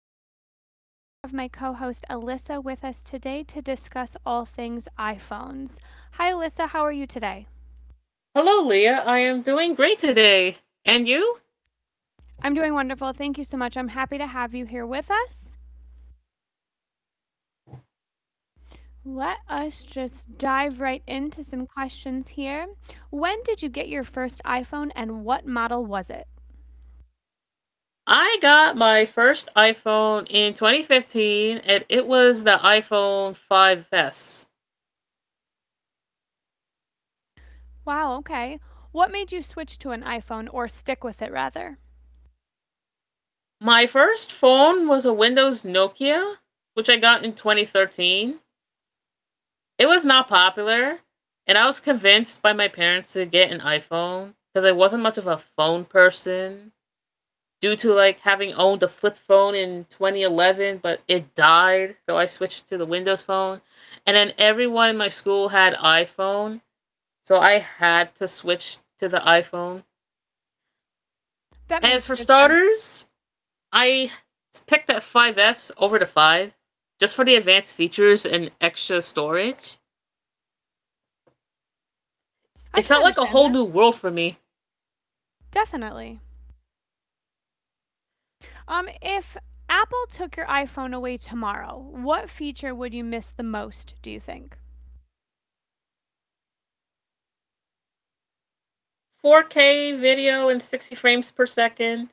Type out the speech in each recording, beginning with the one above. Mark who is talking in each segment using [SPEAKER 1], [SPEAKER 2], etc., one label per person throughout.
[SPEAKER 1] Leah. Today I have my co host, Alyssa, with us today to discuss all things iPhones. Hi, Alyssa, how are you today?
[SPEAKER 2] Hello, Leah. I am doing great today. And you?
[SPEAKER 1] I'm doing wonderful. Thank you so much. I'm happy to have you here with us. Let us just dive right into some questions here. When did you get your first iPhone and what model was it?
[SPEAKER 2] I got my first iPhone in 2015, and it was the iPhone 5S.
[SPEAKER 1] Wow, okay. What made you switch to an iPhone or stick with it rather?
[SPEAKER 2] My first phone was a Windows Nokia, which I got in 2013. It was not popular, and I was convinced by my parents to get an iPhone because I wasn't much of a phone person. Due to like having owned the flip phone in 2011, but it died, so I switched to the Windows phone. And then everyone in my school had iPhone, so I had to switch to the iPhone.
[SPEAKER 1] That
[SPEAKER 2] As
[SPEAKER 1] makes
[SPEAKER 2] for
[SPEAKER 1] good sense.
[SPEAKER 2] starters, I picked that 5S over the 5 just for the advanced features and extra storage. It
[SPEAKER 1] I can
[SPEAKER 2] felt like a
[SPEAKER 1] understand
[SPEAKER 2] whole
[SPEAKER 1] that.
[SPEAKER 2] new world for me.
[SPEAKER 1] Definitely. If Apple took your iPhone away tomorrow, what feature would you miss the most, do you think?
[SPEAKER 2] 4K video and 60 frames per second.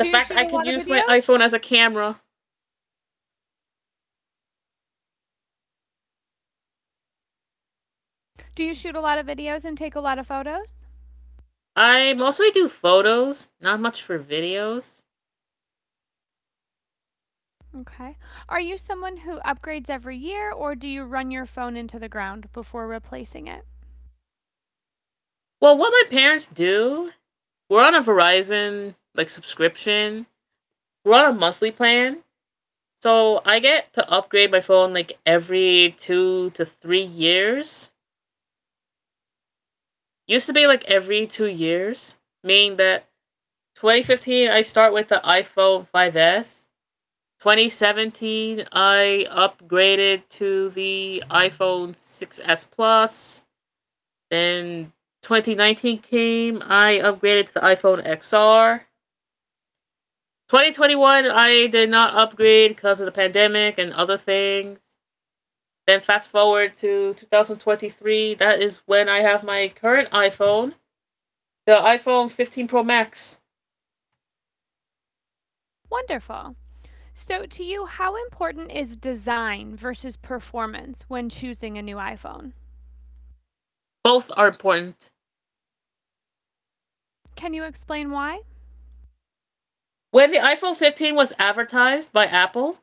[SPEAKER 2] The
[SPEAKER 1] you
[SPEAKER 2] fact
[SPEAKER 1] shoot
[SPEAKER 2] I
[SPEAKER 1] a
[SPEAKER 2] could
[SPEAKER 1] lot of
[SPEAKER 2] use my
[SPEAKER 1] videos?
[SPEAKER 2] iPhone as a camera.
[SPEAKER 1] Do you shoot a lot of videos and take a lot of photos?
[SPEAKER 2] I mostly do photos, not much for videos.
[SPEAKER 1] Okay. Are you someone who upgrades every year or do you run your phone into the ground before replacing it?
[SPEAKER 2] Well, what my parents do, we're on a Verizon like subscription. We're on a monthly plan, so I get to upgrade my phone like every 2 to 3 years. Used to be like every 2 years, meaning that 2015 I start with the iPhone 5S. 2017 I upgraded to the iPhone 6S Plus. Then 2019 came, I upgraded to the iPhone XR. 2021, I did not upgrade because of the pandemic and other things. Then fast forward to 2023, that is when I have my current iPhone, the iPhone 15 Pro Max.
[SPEAKER 1] Wonderful. So, to you, how important is design versus performance when choosing a new iPhone?
[SPEAKER 2] Both are important.
[SPEAKER 1] Can you explain why?
[SPEAKER 2] When the iPhone 15 was advertised by Apple,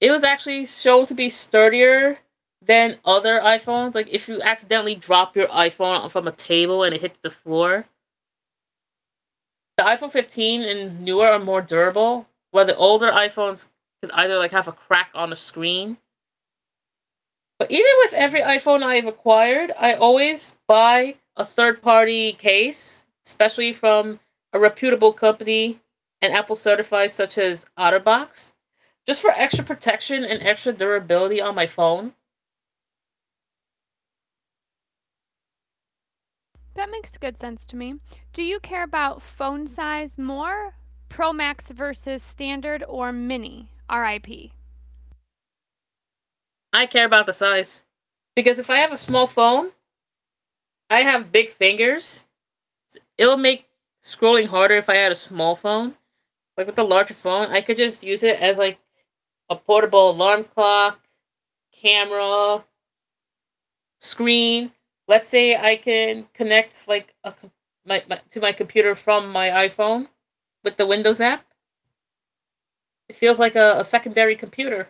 [SPEAKER 2] it was actually shown to be sturdier than other iPhones. Like if you accidentally drop your iPhone from a table and it hits the floor, the iPhone 15 and newer are more durable, while the older iPhones could either like have a crack on the screen. But even with every iPhone I've acquired, I always buy a third party case, especially from a reputable company and Apple certified, such as Otterbox, just for extra protection and extra durability on my phone.
[SPEAKER 1] That makes good sense to me. Do you care about phone size more? Pro Max versus standard or mini? RIP.
[SPEAKER 2] I care about the size. Because if I have a small phone, I have big fingers. It'll make scrolling harder if I had a small phone. Like with the larger phone, I could just use it as like a portable alarm clock, camera, screen. Let's say I can connect like a my to my computer from my iPhone with the Windows app. It feels like a secondary computer.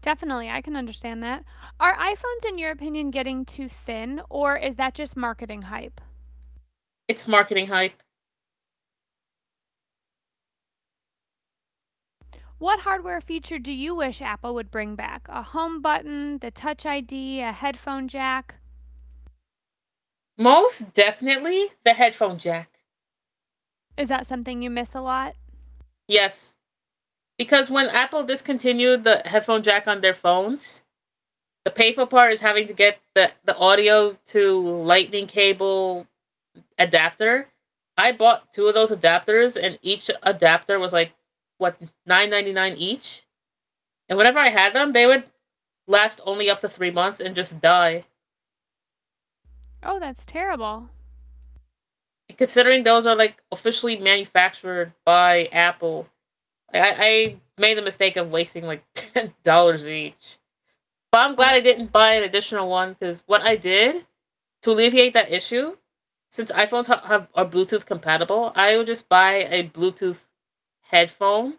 [SPEAKER 1] Definitely, I can understand that. Are iPhones, in your opinion, getting too thin, or is that just marketing hype?
[SPEAKER 2] It's marketing hype.
[SPEAKER 1] What hardware feature do you wish Apple would bring back? A home button, the Touch ID, a headphone jack?
[SPEAKER 2] Most definitely the headphone jack.
[SPEAKER 1] Is that something you miss a lot?
[SPEAKER 2] Yes, because when Apple discontinued the headphone jack on their phones, the painful part is having to get the audio to lightning cable adapter. I bought two of those adapters, and each adapter was like what 9.99 each. And whenever I had them, they would last only up to 3 months and just die.
[SPEAKER 1] Oh, that's terrible.
[SPEAKER 2] And considering those are like officially manufactured by Apple, I made the mistake of wasting like $10 each. But I'm glad
[SPEAKER 1] Oh,
[SPEAKER 2] I didn't buy an additional one because what I did to alleviate that issue, since iPhones have are Bluetooth compatible, I would just buy a Bluetooth headphone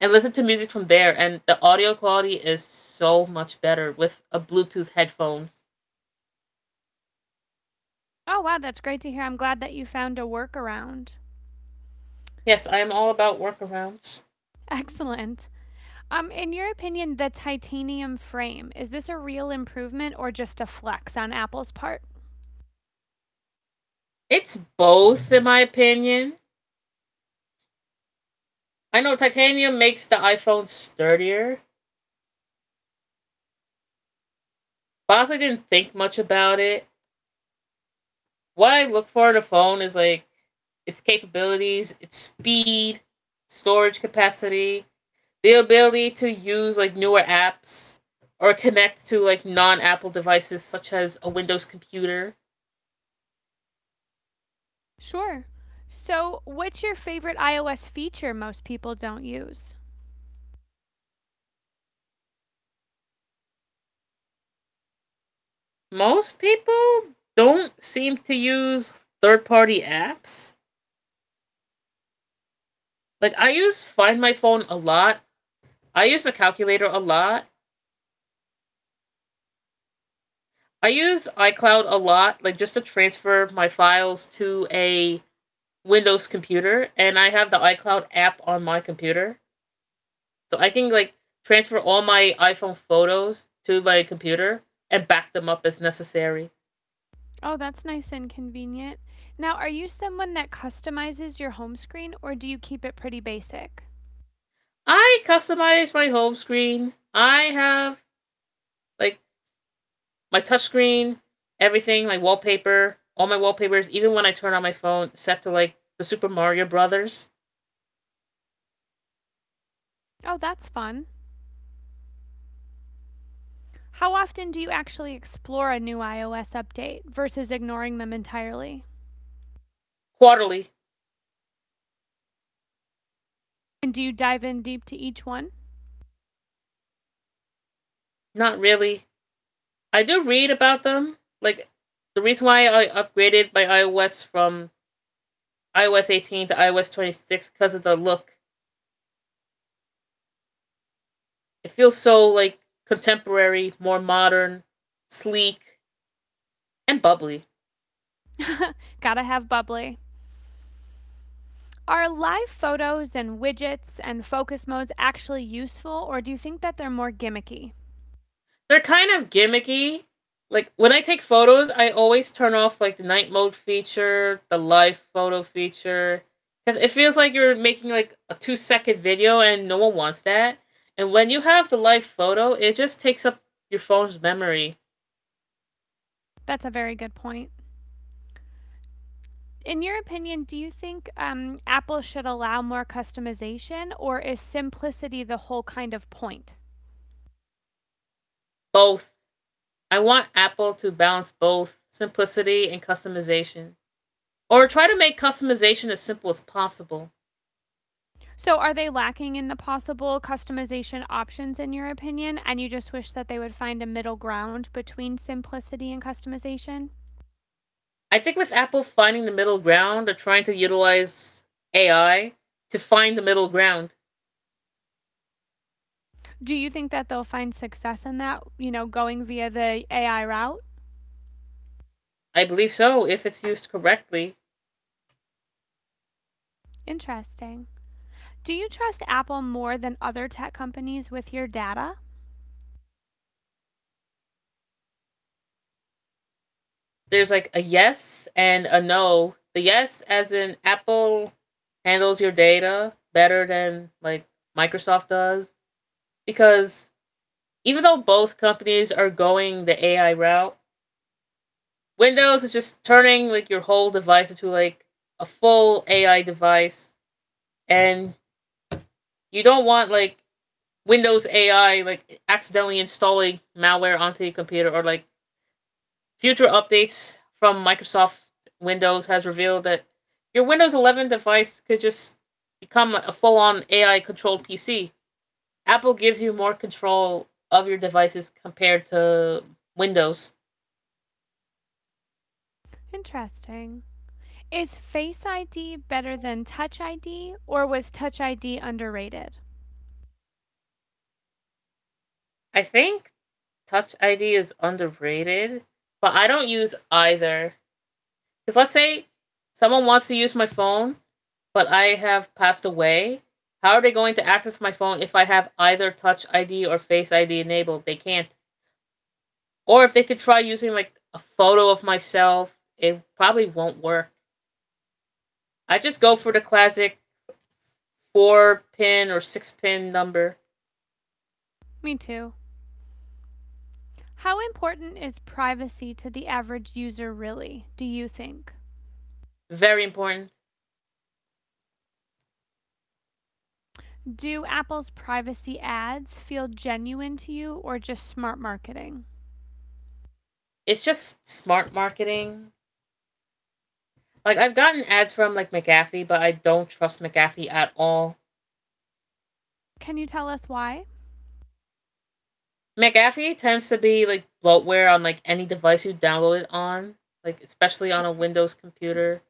[SPEAKER 2] and listen to music from there. And the audio quality is so much better with a Bluetooth headphones.
[SPEAKER 1] oh, wow, that's great to hear. I'm glad that you found a workaround.
[SPEAKER 2] Yes, I am all about workarounds.
[SPEAKER 1] Excellent. In your opinion, the titanium frame, is this a real improvement or just a flex on Apple's part?
[SPEAKER 2] It's both, in my opinion. I know titanium makes the iPhone sturdier, but I honestly didn't think much about it. What I look for in a phone is like its capabilities, its speed, storage capacity, the ability to use like newer apps or connect to like non Apple devices such as a Windows computer.
[SPEAKER 1] Sure. So, what's your favorite iOS feature most people don't use?
[SPEAKER 2] Most people don't seem to use third party apps. Like I use Find My Phone a lot. I use the calculator a lot. I use iCloud a lot, like just to transfer my files to a Windows computer, and I have the iCloud app on my computer, so I can like transfer all my iPhone photos to my computer and back them up as necessary.
[SPEAKER 1] Oh, that's nice and convenient. Now, are you someone that customizes your home screen or do you keep it pretty basic?
[SPEAKER 2] I customize my home screen. I have like my touchscreen, everything, my wallpaper, all my wallpapers, even when I turn on my phone, set to like the Super Mario Brothers.
[SPEAKER 1] Oh, that's fun. How often do you actually explore a new iOS update versus ignoring them entirely?
[SPEAKER 2] Quarterly.
[SPEAKER 1] And do you dive in deep to each one?
[SPEAKER 2] Not really. I do read about them. Like the reason why I upgraded my iOS from iOS 18 to iOS 26 because of the look. It feels so like contemporary, more modern, sleek, and bubbly.
[SPEAKER 1] Gotta have bubbly. Are live photos and widgets and focus modes actually useful, or do you think that they're more gimmicky?
[SPEAKER 2] They're kind of gimmicky. Like when I take photos, I always turn off like the night mode feature, the live photo feature, because it feels like you're making like a 2-second video, and no one wants that. And when you have the live photo, it just takes up your phone's memory.
[SPEAKER 1] That's a very good point. In your opinion, do you think Apple should allow more customization, or is simplicity the whole kind of point?
[SPEAKER 2] Both. I want Apple to balance both simplicity and customization, or try to make customization as simple as possible.
[SPEAKER 1] So, are they lacking in the possible customization options, in your opinion, and you just wish that they would find a middle ground between simplicity and customization?
[SPEAKER 2] I think with Apple finding the middle ground or trying to utilize AI to find the middle ground.
[SPEAKER 1] Do you think that they'll find success in that, you know, going via the AI route?
[SPEAKER 2] I believe so if it's used correctly.
[SPEAKER 1] Interesting. Do you trust Apple more than other tech companies with your data?
[SPEAKER 2] There's like a yes and a no. The yes as in Apple handles your data better than like Microsoft does, because even though both companies are going the AI route, Windows is just turning like your whole device into like a full AI device, and you don't want like Windows AI like accidentally installing malware onto your computer or like future updates from Microsoft. Windows has revealed that your Windows 11 device could just become a full-on AI controlled PC. Apple gives you more control of your devices compared to Windows.
[SPEAKER 1] Interesting. Is Face ID better than Touch ID, or was Touch ID underrated?
[SPEAKER 2] I think Touch ID is underrated, but I don't use either. Cuz let's say someone wants to use my phone but I have passed away. How are they going to access my phone if I have either Touch ID or Face ID enabled? They can't. Or if they could try using like a photo of myself, it probably won't work. I just go for the classic four pin or six pin number.
[SPEAKER 1] Me too. How important is privacy to the average user, really, do you think?
[SPEAKER 2] Very important.
[SPEAKER 1] Do Apple's privacy ads feel genuine to you or just smart marketing?
[SPEAKER 2] It's just smart marketing. Like I've gotten ads from like McAfee, but I don't trust McAfee at all.
[SPEAKER 1] Can you tell us why?
[SPEAKER 2] McAfee tends to be like bloatware on like any device you download it on, like especially on a Windows computer.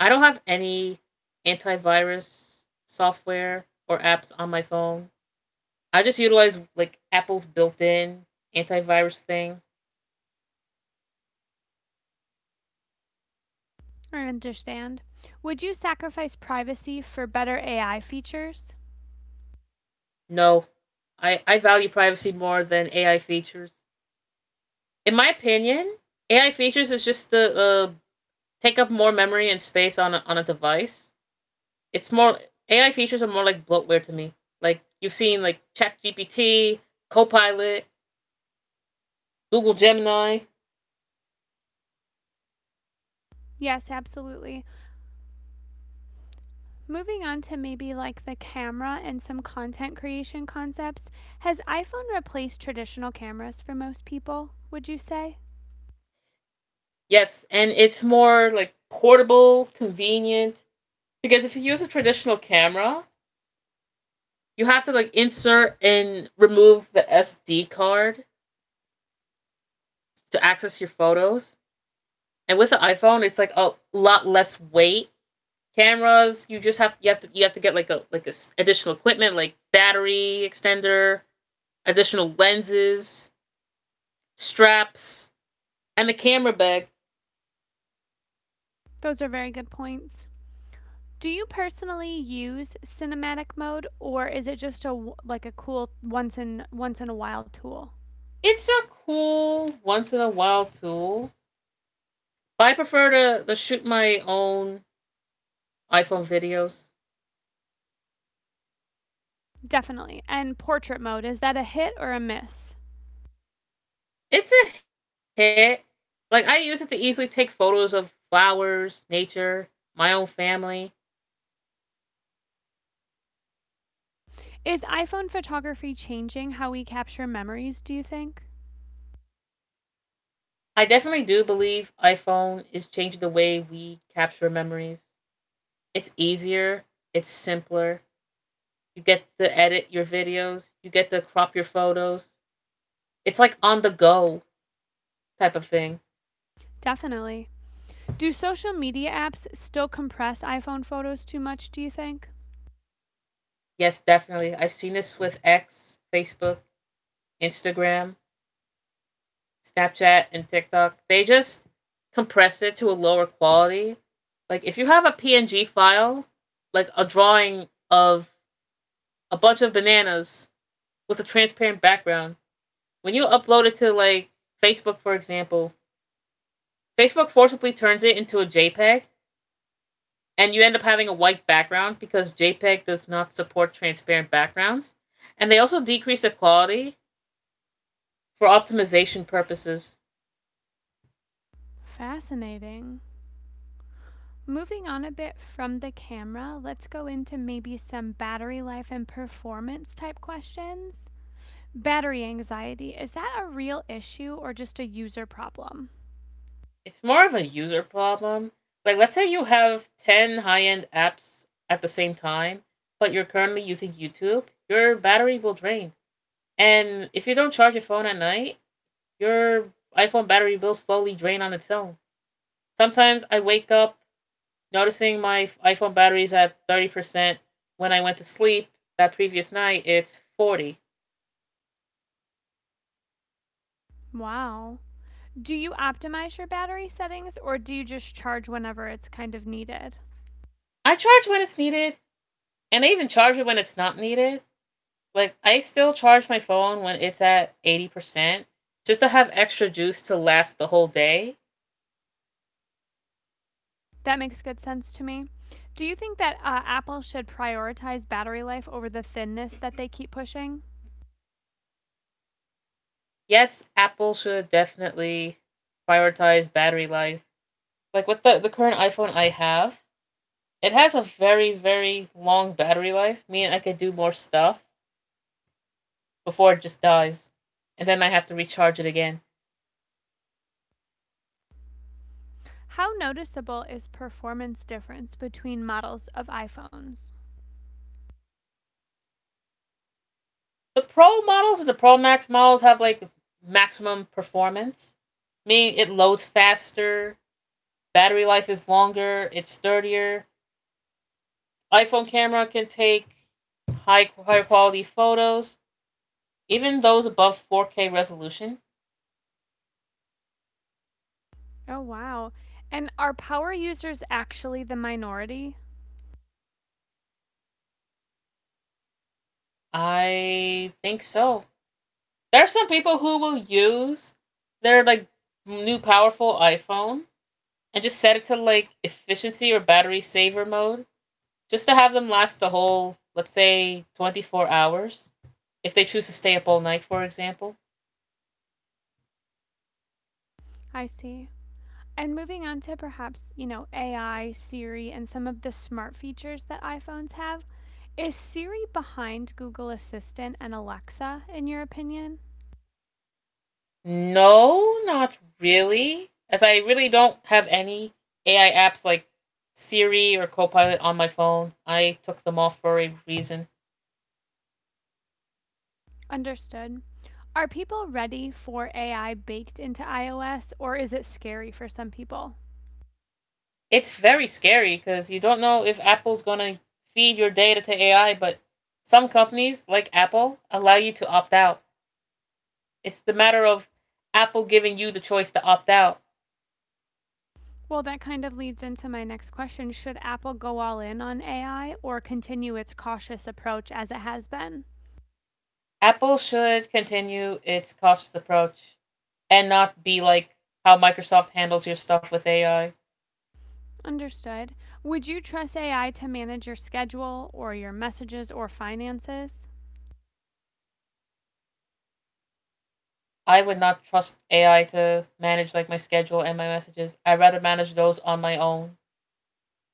[SPEAKER 2] I don't have any antivirus software or apps on my phone. I just utilize like Apple's built-in antivirus thing.
[SPEAKER 1] I understand. Would you sacrifice privacy for better AI features?
[SPEAKER 2] No, I value privacy more than AI features. In my opinion, AI features is just the take up more memory and space on a device. It's more AI features are more like bloatware to me. Like you've seen like ChatGPT, Copilot, Google Gemini.
[SPEAKER 1] Yes, absolutely. Moving on to maybe like the camera and some content creation concepts, has iPhone replaced traditional cameras for most people, would you say?
[SPEAKER 2] Yes, and it's more like portable, convenient. Because if you use a traditional camera, you have to like insert and remove the SD card to access your photos. And with the iPhone, it's like a lot less weight. Cameras, you just have you have to get like a additional equipment like battery extender, additional lenses, straps, and the camera bag.
[SPEAKER 1] Those are very good points. Do you personally use cinematic mode or is it just a like a cool once in a while tool?
[SPEAKER 2] It's a cool once in a while tool, but I prefer to shoot my own iPhone videos.
[SPEAKER 1] Definitely. And portrait mode, is that a hit or a miss?
[SPEAKER 2] It's a hit. Like I use it to easily take photos of flowers, nature, my own family.
[SPEAKER 1] Is iPhone photography changing how we capture memories, do you think?
[SPEAKER 2] I definitely do believe iPhone is changing the way we capture memories. It's easier, it's simpler. You get to edit your videos, you get to crop your photos. It's like on the go type of thing.
[SPEAKER 1] Definitely. Do social media apps still compress iPhone photos too much, do you think?
[SPEAKER 2] Yes, definitely. I've seen this with X, Facebook, Instagram. Snapchat and TikTok, they just compress it to a lower quality. Like if you have a PNG file, like a drawing of a bunch of bananas with a transparent background, when you upload it to like Facebook, for example, Facebook forcibly turns it into a JPEG and you end up having a white background because JPEG does not support transparent backgrounds. And they also decrease the quality for optimization purposes.
[SPEAKER 1] Fascinating. Moving on a bit from the camera, let's go into maybe some battery life and performance type questions. Battery anxiety, is that a real issue or just a user problem?
[SPEAKER 2] It's more of a user problem. Like, let's say you have 10 high end apps at the same time, but you're currently using YouTube, your battery will drain. And if you don't charge your phone at night, your iPhone battery will slowly drain on its own. Sometimes I wake up noticing my iPhone battery is at 30%. When I went to sleep that previous night, it's 40.
[SPEAKER 1] Wow. Do you optimize your battery settings or do you just charge whenever it's kind of needed?
[SPEAKER 2] I charge when it's needed, and I even charge it when it's not needed. Like I still charge my phone when it's at 80% just to have extra juice to last the whole day.
[SPEAKER 1] That makes good sense to me. Do you think that Apple should prioritize battery life over the thinness that they keep pushing?
[SPEAKER 2] Yes, Apple should definitely prioritize battery life. Like with the current iPhone I have, it has a very, very long battery life, meaning I could do more stuff before it just dies. And then I have to recharge it again.
[SPEAKER 1] How noticeable is performance difference between models of iPhones?
[SPEAKER 2] The Pro models and the Pro Max models have like maximum performance, meaning it loads faster, battery life is longer, it's sturdier, iPhone camera can take high quality photos, even those above 4K resolution.
[SPEAKER 1] Oh, wow. And are power users actually the minority?
[SPEAKER 2] I think so. There are some people who will use their like new powerful iPhone and just set it to like efficiency or battery saver mode just to have them last the whole, let's say, 24 hours if they choose to stay up all night, for example.
[SPEAKER 1] I see. And moving on to perhaps, you know, AI, Siri, and some of the smart features that iPhones have, is Siri behind Google Assistant and Alexa, in your opinion?
[SPEAKER 2] No, not really, as I really don't have any AI apps like Siri or Copilot on my phone. I took them off for a reason.
[SPEAKER 1] Understood. Are people ready for AI baked into iOS, or is it scary for some people?
[SPEAKER 2] It's very scary because you don't know if Apple's going to feed your data to AI, but some companies, like Apple, allow you to opt out. It's the matter of Apple giving you the choice to opt out.
[SPEAKER 1] Well, that kind of leads into my next question. Should Apple go all in on AI or continue its cautious approach as it has been?
[SPEAKER 2] Apple should continue its cautious approach and not be like how Microsoft handles your stuff with AI.
[SPEAKER 1] Understood. Would you trust AI to manage your schedule or your messages or finances?
[SPEAKER 2] I would not trust AI to manage like my schedule and my messages. I'd rather manage those on my own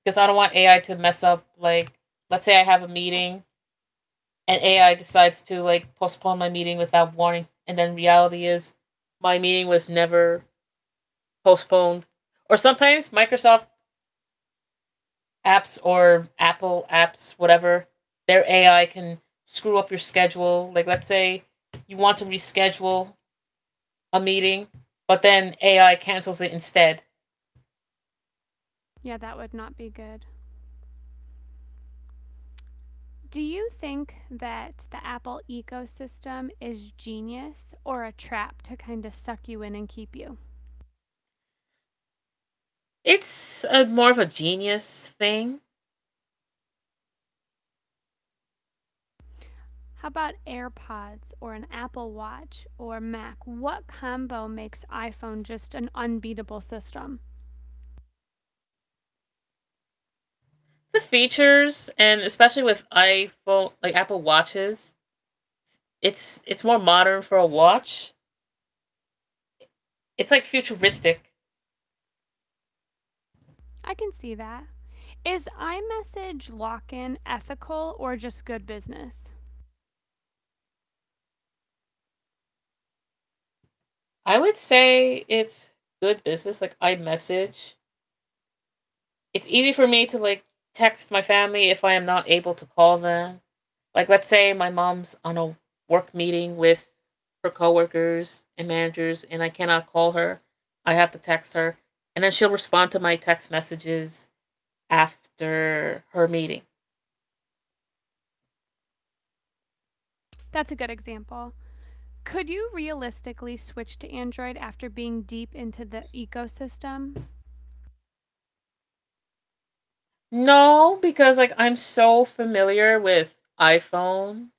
[SPEAKER 2] because I don't want AI to mess up. Like, let's say I have a meeting and AI decides to like postpone my meeting without warning, and then reality is my meeting was never postponed. Or sometimes Microsoft apps or Apple apps, whatever, their AI can screw up your schedule. Like, let's say you want to reschedule a meeting, but then AI cancels it instead.
[SPEAKER 1] Yeah, that would not be good. Do you think that the Apple ecosystem is genius or a trap to kind of suck you in and keep you?
[SPEAKER 2] It's a, more of a genius thing.
[SPEAKER 1] How about AirPods or an Apple Watch or Mac? What combo makes iPhone just an unbeatable system?
[SPEAKER 2] The features, and especially with iPhone, like Apple Watches, it's more modern for a watch. It's like futuristic.
[SPEAKER 1] I can see that. Is iMessage lock in ethical or just good business?
[SPEAKER 2] I would say it's good business, like iMessage. It's easy for me to like text my family if I am not able to call them. Like, let's say my mom's on a work meeting with her coworkers and managers and I cannot call her. I have to text her and then she'll respond to my text messages after her meeting.
[SPEAKER 1] That's a good example. Could you realistically switch to Android after being deep into the ecosystem?
[SPEAKER 2] No, because like I'm so familiar with iPhone.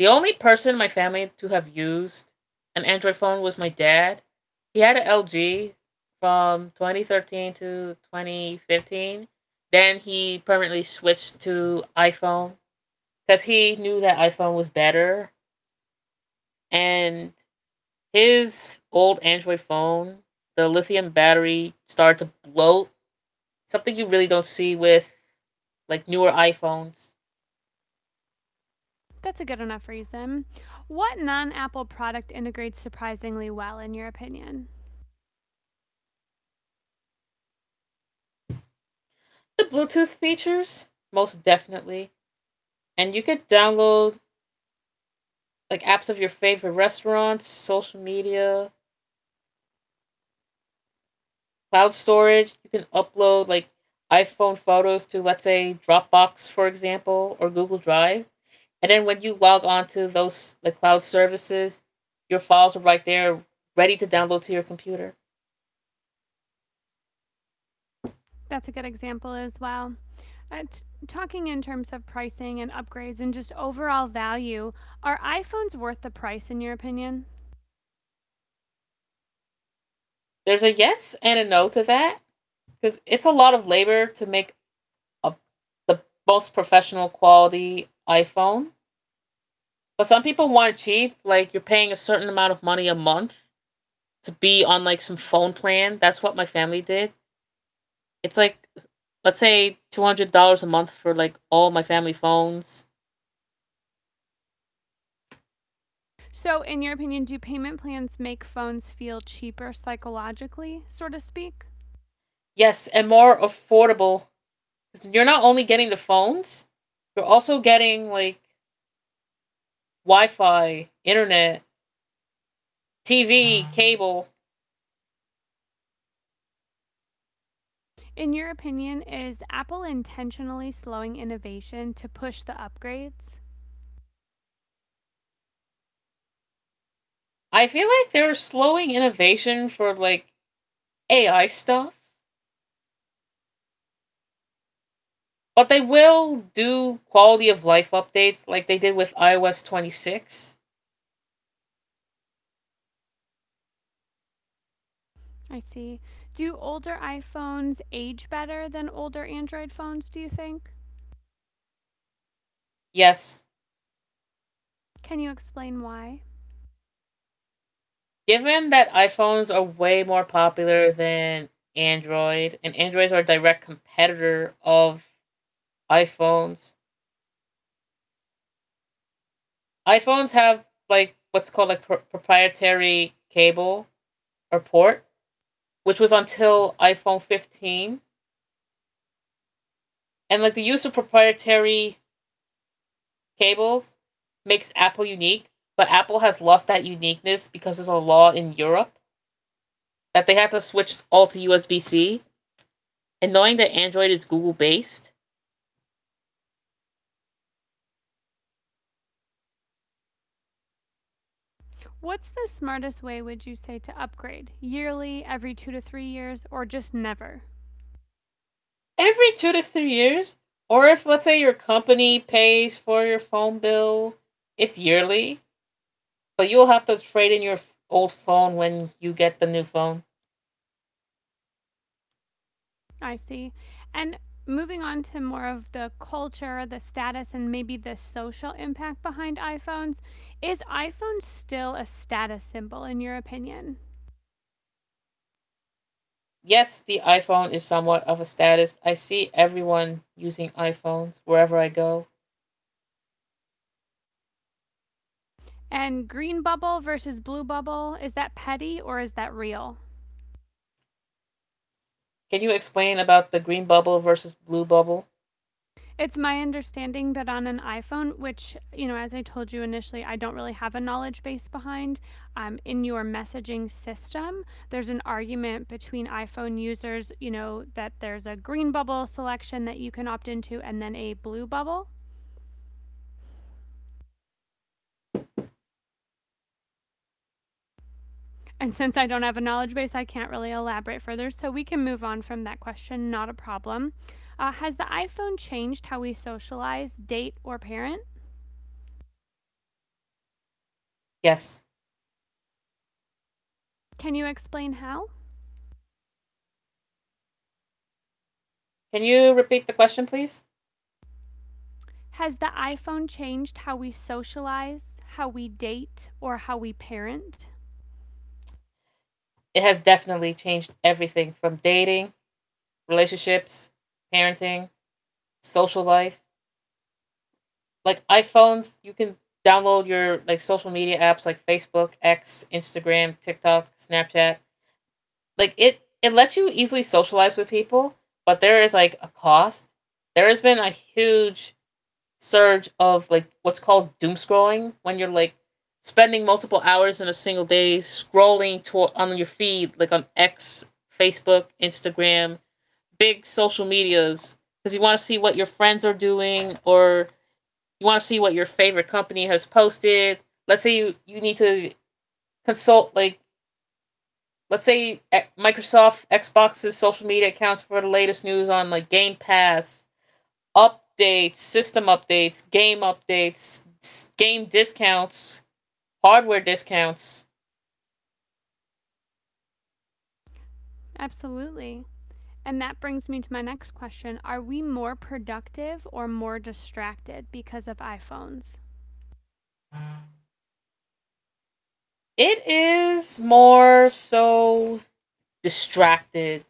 [SPEAKER 2] The only person in my family to have used an Android phone was my dad. He had an LG from 2013 to 2015. Then he permanently switched to iPhone because he knew that iPhone was better. And his old Android phone, the lithium battery started to bloat. Something you really don't see with like newer iPhones.
[SPEAKER 1] That's a good enough reason. What non Apple product integrates surprisingly well, in your opinion?
[SPEAKER 2] The Bluetooth features, most definitely. And you could download like apps of your favorite restaurants, social media, cloud storage. You can upload like iPhone photos to, let's say, Dropbox, for example, or Google Drive. And then when you log on to those the cloud services, your files are right there, ready to download to your computer.
[SPEAKER 1] That's a good example as well. Uh, talking in terms of pricing and upgrades and just overall value, are iPhones worth the price, in your opinion?
[SPEAKER 2] There's a yes and a no to that because it's a lot of labor to make. Of the most professional quality iPhone. But some people want it cheap. Like you're paying a certain amount of money a month to be on like some phone plan. That's what my family did. It's like, let's say, $200 a month for like all my family phones.
[SPEAKER 1] So, in your opinion, do payment plans make phones feel cheaper psychologically, so to speak?
[SPEAKER 2] Yes, and more affordable. 'Cause you're not only getting the phones, you're also getting like Wi-Fi, internet, TV, cable.
[SPEAKER 1] In your opinion, is Apple intentionally slowing innovation to push the upgrades?
[SPEAKER 2] I feel like they're slowing innovation for like AI stuff. But they will do quality of life updates like they did with iOS 26.
[SPEAKER 1] I see. Do older iPhones age better than older Android phones, do you think?
[SPEAKER 2] Yes,
[SPEAKER 1] Can you explain why?
[SPEAKER 2] given that iPhones are way more popular than Android, and Androids are a direct competitor of iPhones, iPhones have like what's called like proprietary cable or port, which was until iPhone 15. And like the use of proprietary cables makes Apple unique, but Apple has lost that uniqueness because there's a law in Europe that they have to switch all to USB C, and knowing that Android is Google based,
[SPEAKER 1] What's the smartest way, would you say, to upgrade? Yearly, every two to three years, or just never?
[SPEAKER 2] every 2 to 3 years, or if, let's say, your company pays for your phone bill, it's yearly, but you'll have to trade in your old phone when you get the new phone.
[SPEAKER 1] I see. And moving on to more of the culture, the status, and maybe the social impact behind iPhones, is iPhone still a status symbol in your opinion?
[SPEAKER 2] Yes, the iPhone is somewhat of a status. I see everyone using iPhones wherever I go.
[SPEAKER 1] And green bubble versus blue bubble, is that petty or is that real?
[SPEAKER 2] Can you explain about the green bubble versus blue bubble?
[SPEAKER 1] It's my understanding that on an iPhone, which, you know, as I told you initially, I don't really have a knowledge base behind, in your messaging system, there's an argument between iPhone users, you know, that there's a green bubble selection that you can opt into and then a blue bubble. And since I don't have a knowledge base, I can't really elaborate further. So we can move on from that question, not a problem. Has the iPhone changed how we socialize, date, or parent?
[SPEAKER 2] Yes.
[SPEAKER 1] Can you explain how?
[SPEAKER 2] Can you repeat the question, please?
[SPEAKER 1] Has the iPhone changed how we socialize, how we date, or how we parent?
[SPEAKER 2] It has definitely changed everything from dating, relationships, parenting, social life. Like iPhones, you can download your like social media apps like Facebook, X, Instagram, TikTok, Snapchat. Like it lets you easily socialize with people, but there is like a cost. There has been a huge surge of like what's called doom scrolling when you're like spending multiple hours in a single day scrolling to on your feed like on X, Facebook, Instagram, big social medias because you want to see what your friends are doing or you want to see what your favorite company has posted. Let's say you need to consult, like, let's say E, Microsoft Xbox's social media accounts for the latest news on, like, Game Pass, updates, system updates, game discounts, hardware discounts.
[SPEAKER 1] Absolutely. And that brings me to my next question. Are we more productive or more distracted because of iPhones?
[SPEAKER 2] It is more so distracted.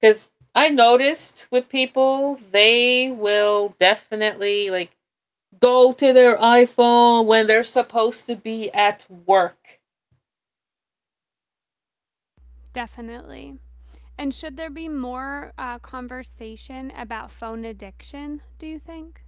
[SPEAKER 2] Because I noticed with people, they will definitely like go to their iPhone when they're supposed to be at work.
[SPEAKER 1] Definitely. And should there be more conversation about phone addiction, do you think?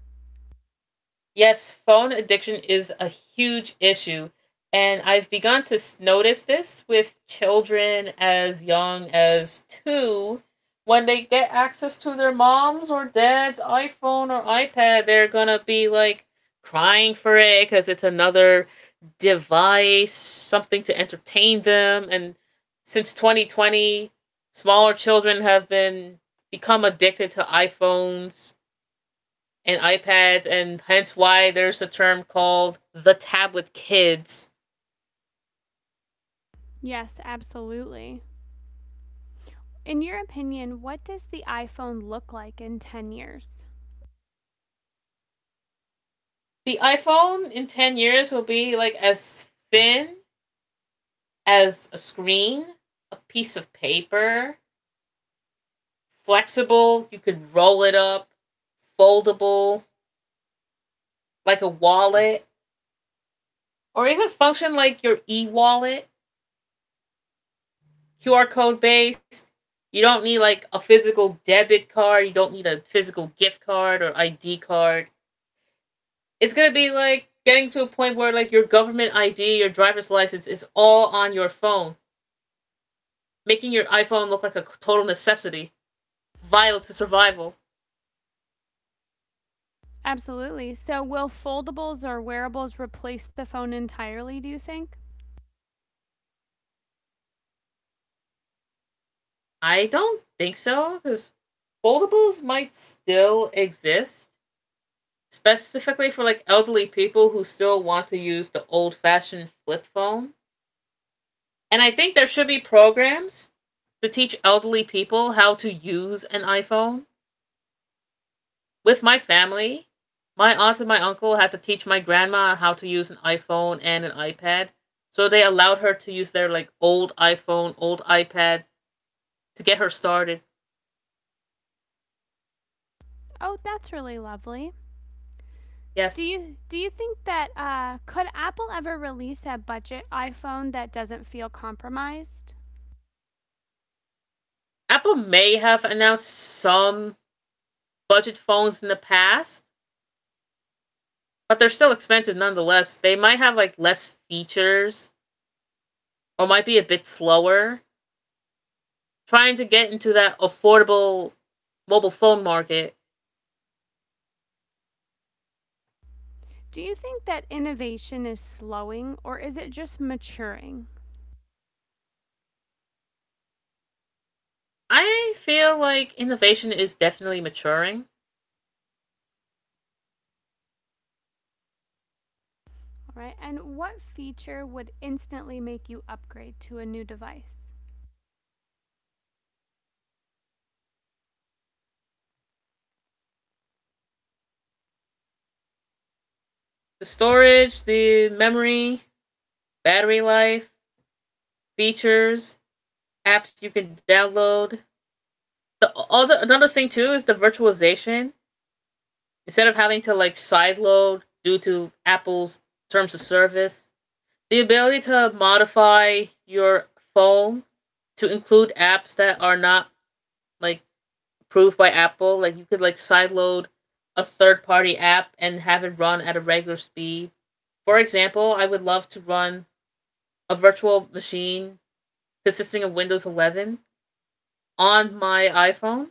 [SPEAKER 2] Yes, phone addiction is a huge issue. And I've begun to notice this with children as young as two. When they get access to their mom's or dad's iPhone or iPad, they're going to be like crying for it because it's another device, something to entertain them. And since 2020, smaller children have been become addicted to iPhones and iPads, and hence why there's a term called the tablet kids.
[SPEAKER 1] Yes, absolutely. In your opinion, what does the iPhone look like in 10 years?
[SPEAKER 2] The iPhone in 10 years will be like as thin as a screen, a piece of paper, flexible, you could roll it up, foldable, like a wallet, or even function like your e wallet, QR code based. You don't need like a physical debit card, you don't need a physical gift card or ID card. It's gonna be like getting to a point where like your government ID, your driver's license is all on your phone, making your iPhone look like a total necessity, vital to survival.
[SPEAKER 1] Absolutely. So, will foldables or wearables replace the phone entirely, do you think?
[SPEAKER 2] I don't think so, because foldables might still exist, specifically for like elderly people who still want to use the old-fashioned flip phone. And I think there should be programs to teach elderly people how to use an iPhone. With my family, my aunt and my uncle had to teach my grandma how to use an iPhone and an iPad. So they allowed her to use their like old iPhone, old iPad to get her started.
[SPEAKER 1] Oh, that's really lovely. Do
[SPEAKER 2] Yes.
[SPEAKER 1] you do you think that could Apple ever release a budget iPhone that doesn't feel compromised?
[SPEAKER 2] Apple may have announced some budget phones in the past, but they're still expensive nonetheless. They might have like less features or might be a bit slower trying to get into that affordable mobile phone market.
[SPEAKER 1] Do you think that innovation is slowing or is it just maturing?
[SPEAKER 2] I feel like innovation is definitely maturing.
[SPEAKER 1] All right. And what feature would instantly make you upgrade to a new device?
[SPEAKER 2] The storage, the memory, battery life, features, apps you can download. The other Another thing too is the virtualization. Instead of having to like sideload due to Apple's terms of service, the ability to modify your phone to include apps that are not like approved by Apple. Like you could like sideload a third party app and have it run at a regular speed. For example, I would love to run a virtual machine consisting of Windows 11 on my iPhone.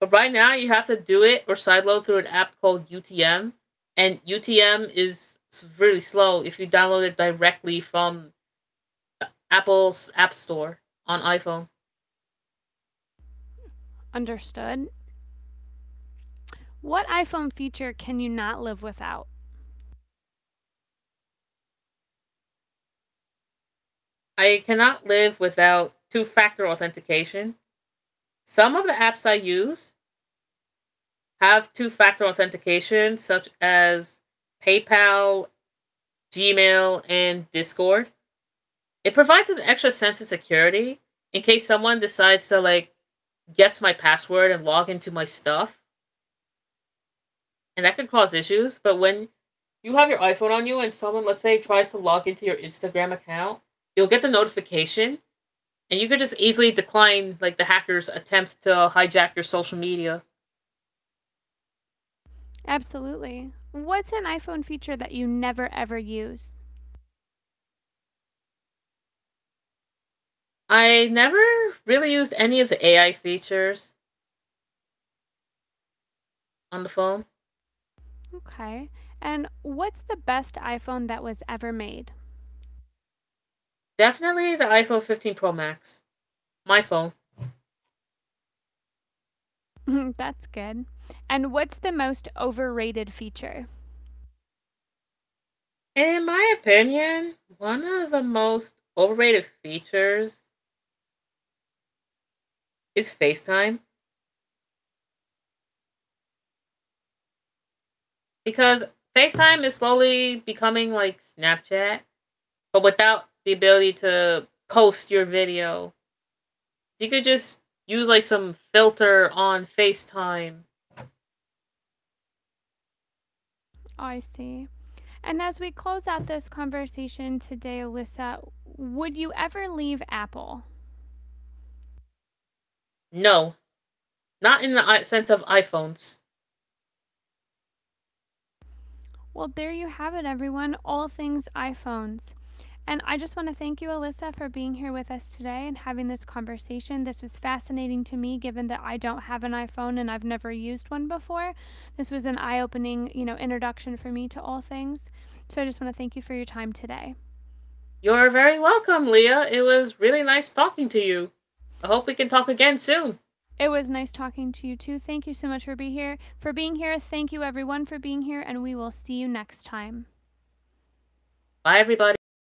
[SPEAKER 2] But right now, you have to do it or sideload through an app called UTM. And UTM is really slow if you download it directly from Apple's App Store on iPhone.
[SPEAKER 1] Understood. What iPhone feature can you not live without?
[SPEAKER 2] I cannot live without two factor authentication. Some of the apps I use have two factor authentication, such as PayPal, Gmail, and Discord. It provides an extra sense of security in case someone decides to like guess my password and log into my stuff, and that could cause issues. But when you have your iPhone on you and someone, let's say, tries to log into your Instagram account, you'll get the notification and you could just easily decline like the hacker's attempt to hijack your social media.
[SPEAKER 1] Absolutely. What's an iPhone feature that you never ever use?
[SPEAKER 2] I never really used any of the AI features on the phone.
[SPEAKER 1] Okay. And what's the best iPhone that was ever made?
[SPEAKER 2] Definitely the iPhone 15 Pro Max, my phone.
[SPEAKER 1] That's good. And what's the most overrated feature?
[SPEAKER 2] In my opinion, one of the most overrated features is FaceTime because FaceTime is slowly becoming like Snapchat, but without the ability to post your video. You could just use like some filter on FaceTime.
[SPEAKER 1] I see. And as we close out this conversation today, Alyssa, would you ever leave Apple?
[SPEAKER 2] No, not in the sense of iPhones.
[SPEAKER 1] Well, there you have it, everyone. All things iPhones. And I just want to thank you, Alyssa, for being here with us today and having this conversation. This was fascinating to me, given that I don't have an iPhone and I've never used one before. This was an eye-opening, you know, introduction for me to all things. So I just want to thank you for your time today.
[SPEAKER 2] You're very welcome, Leah. It was really nice talking to you. I hope we can talk again soon.
[SPEAKER 1] It was nice talking to you too. Thank you so much for being here. For being here, thank you everyone for being here, and we will see you next time.
[SPEAKER 2] Bye, everybody.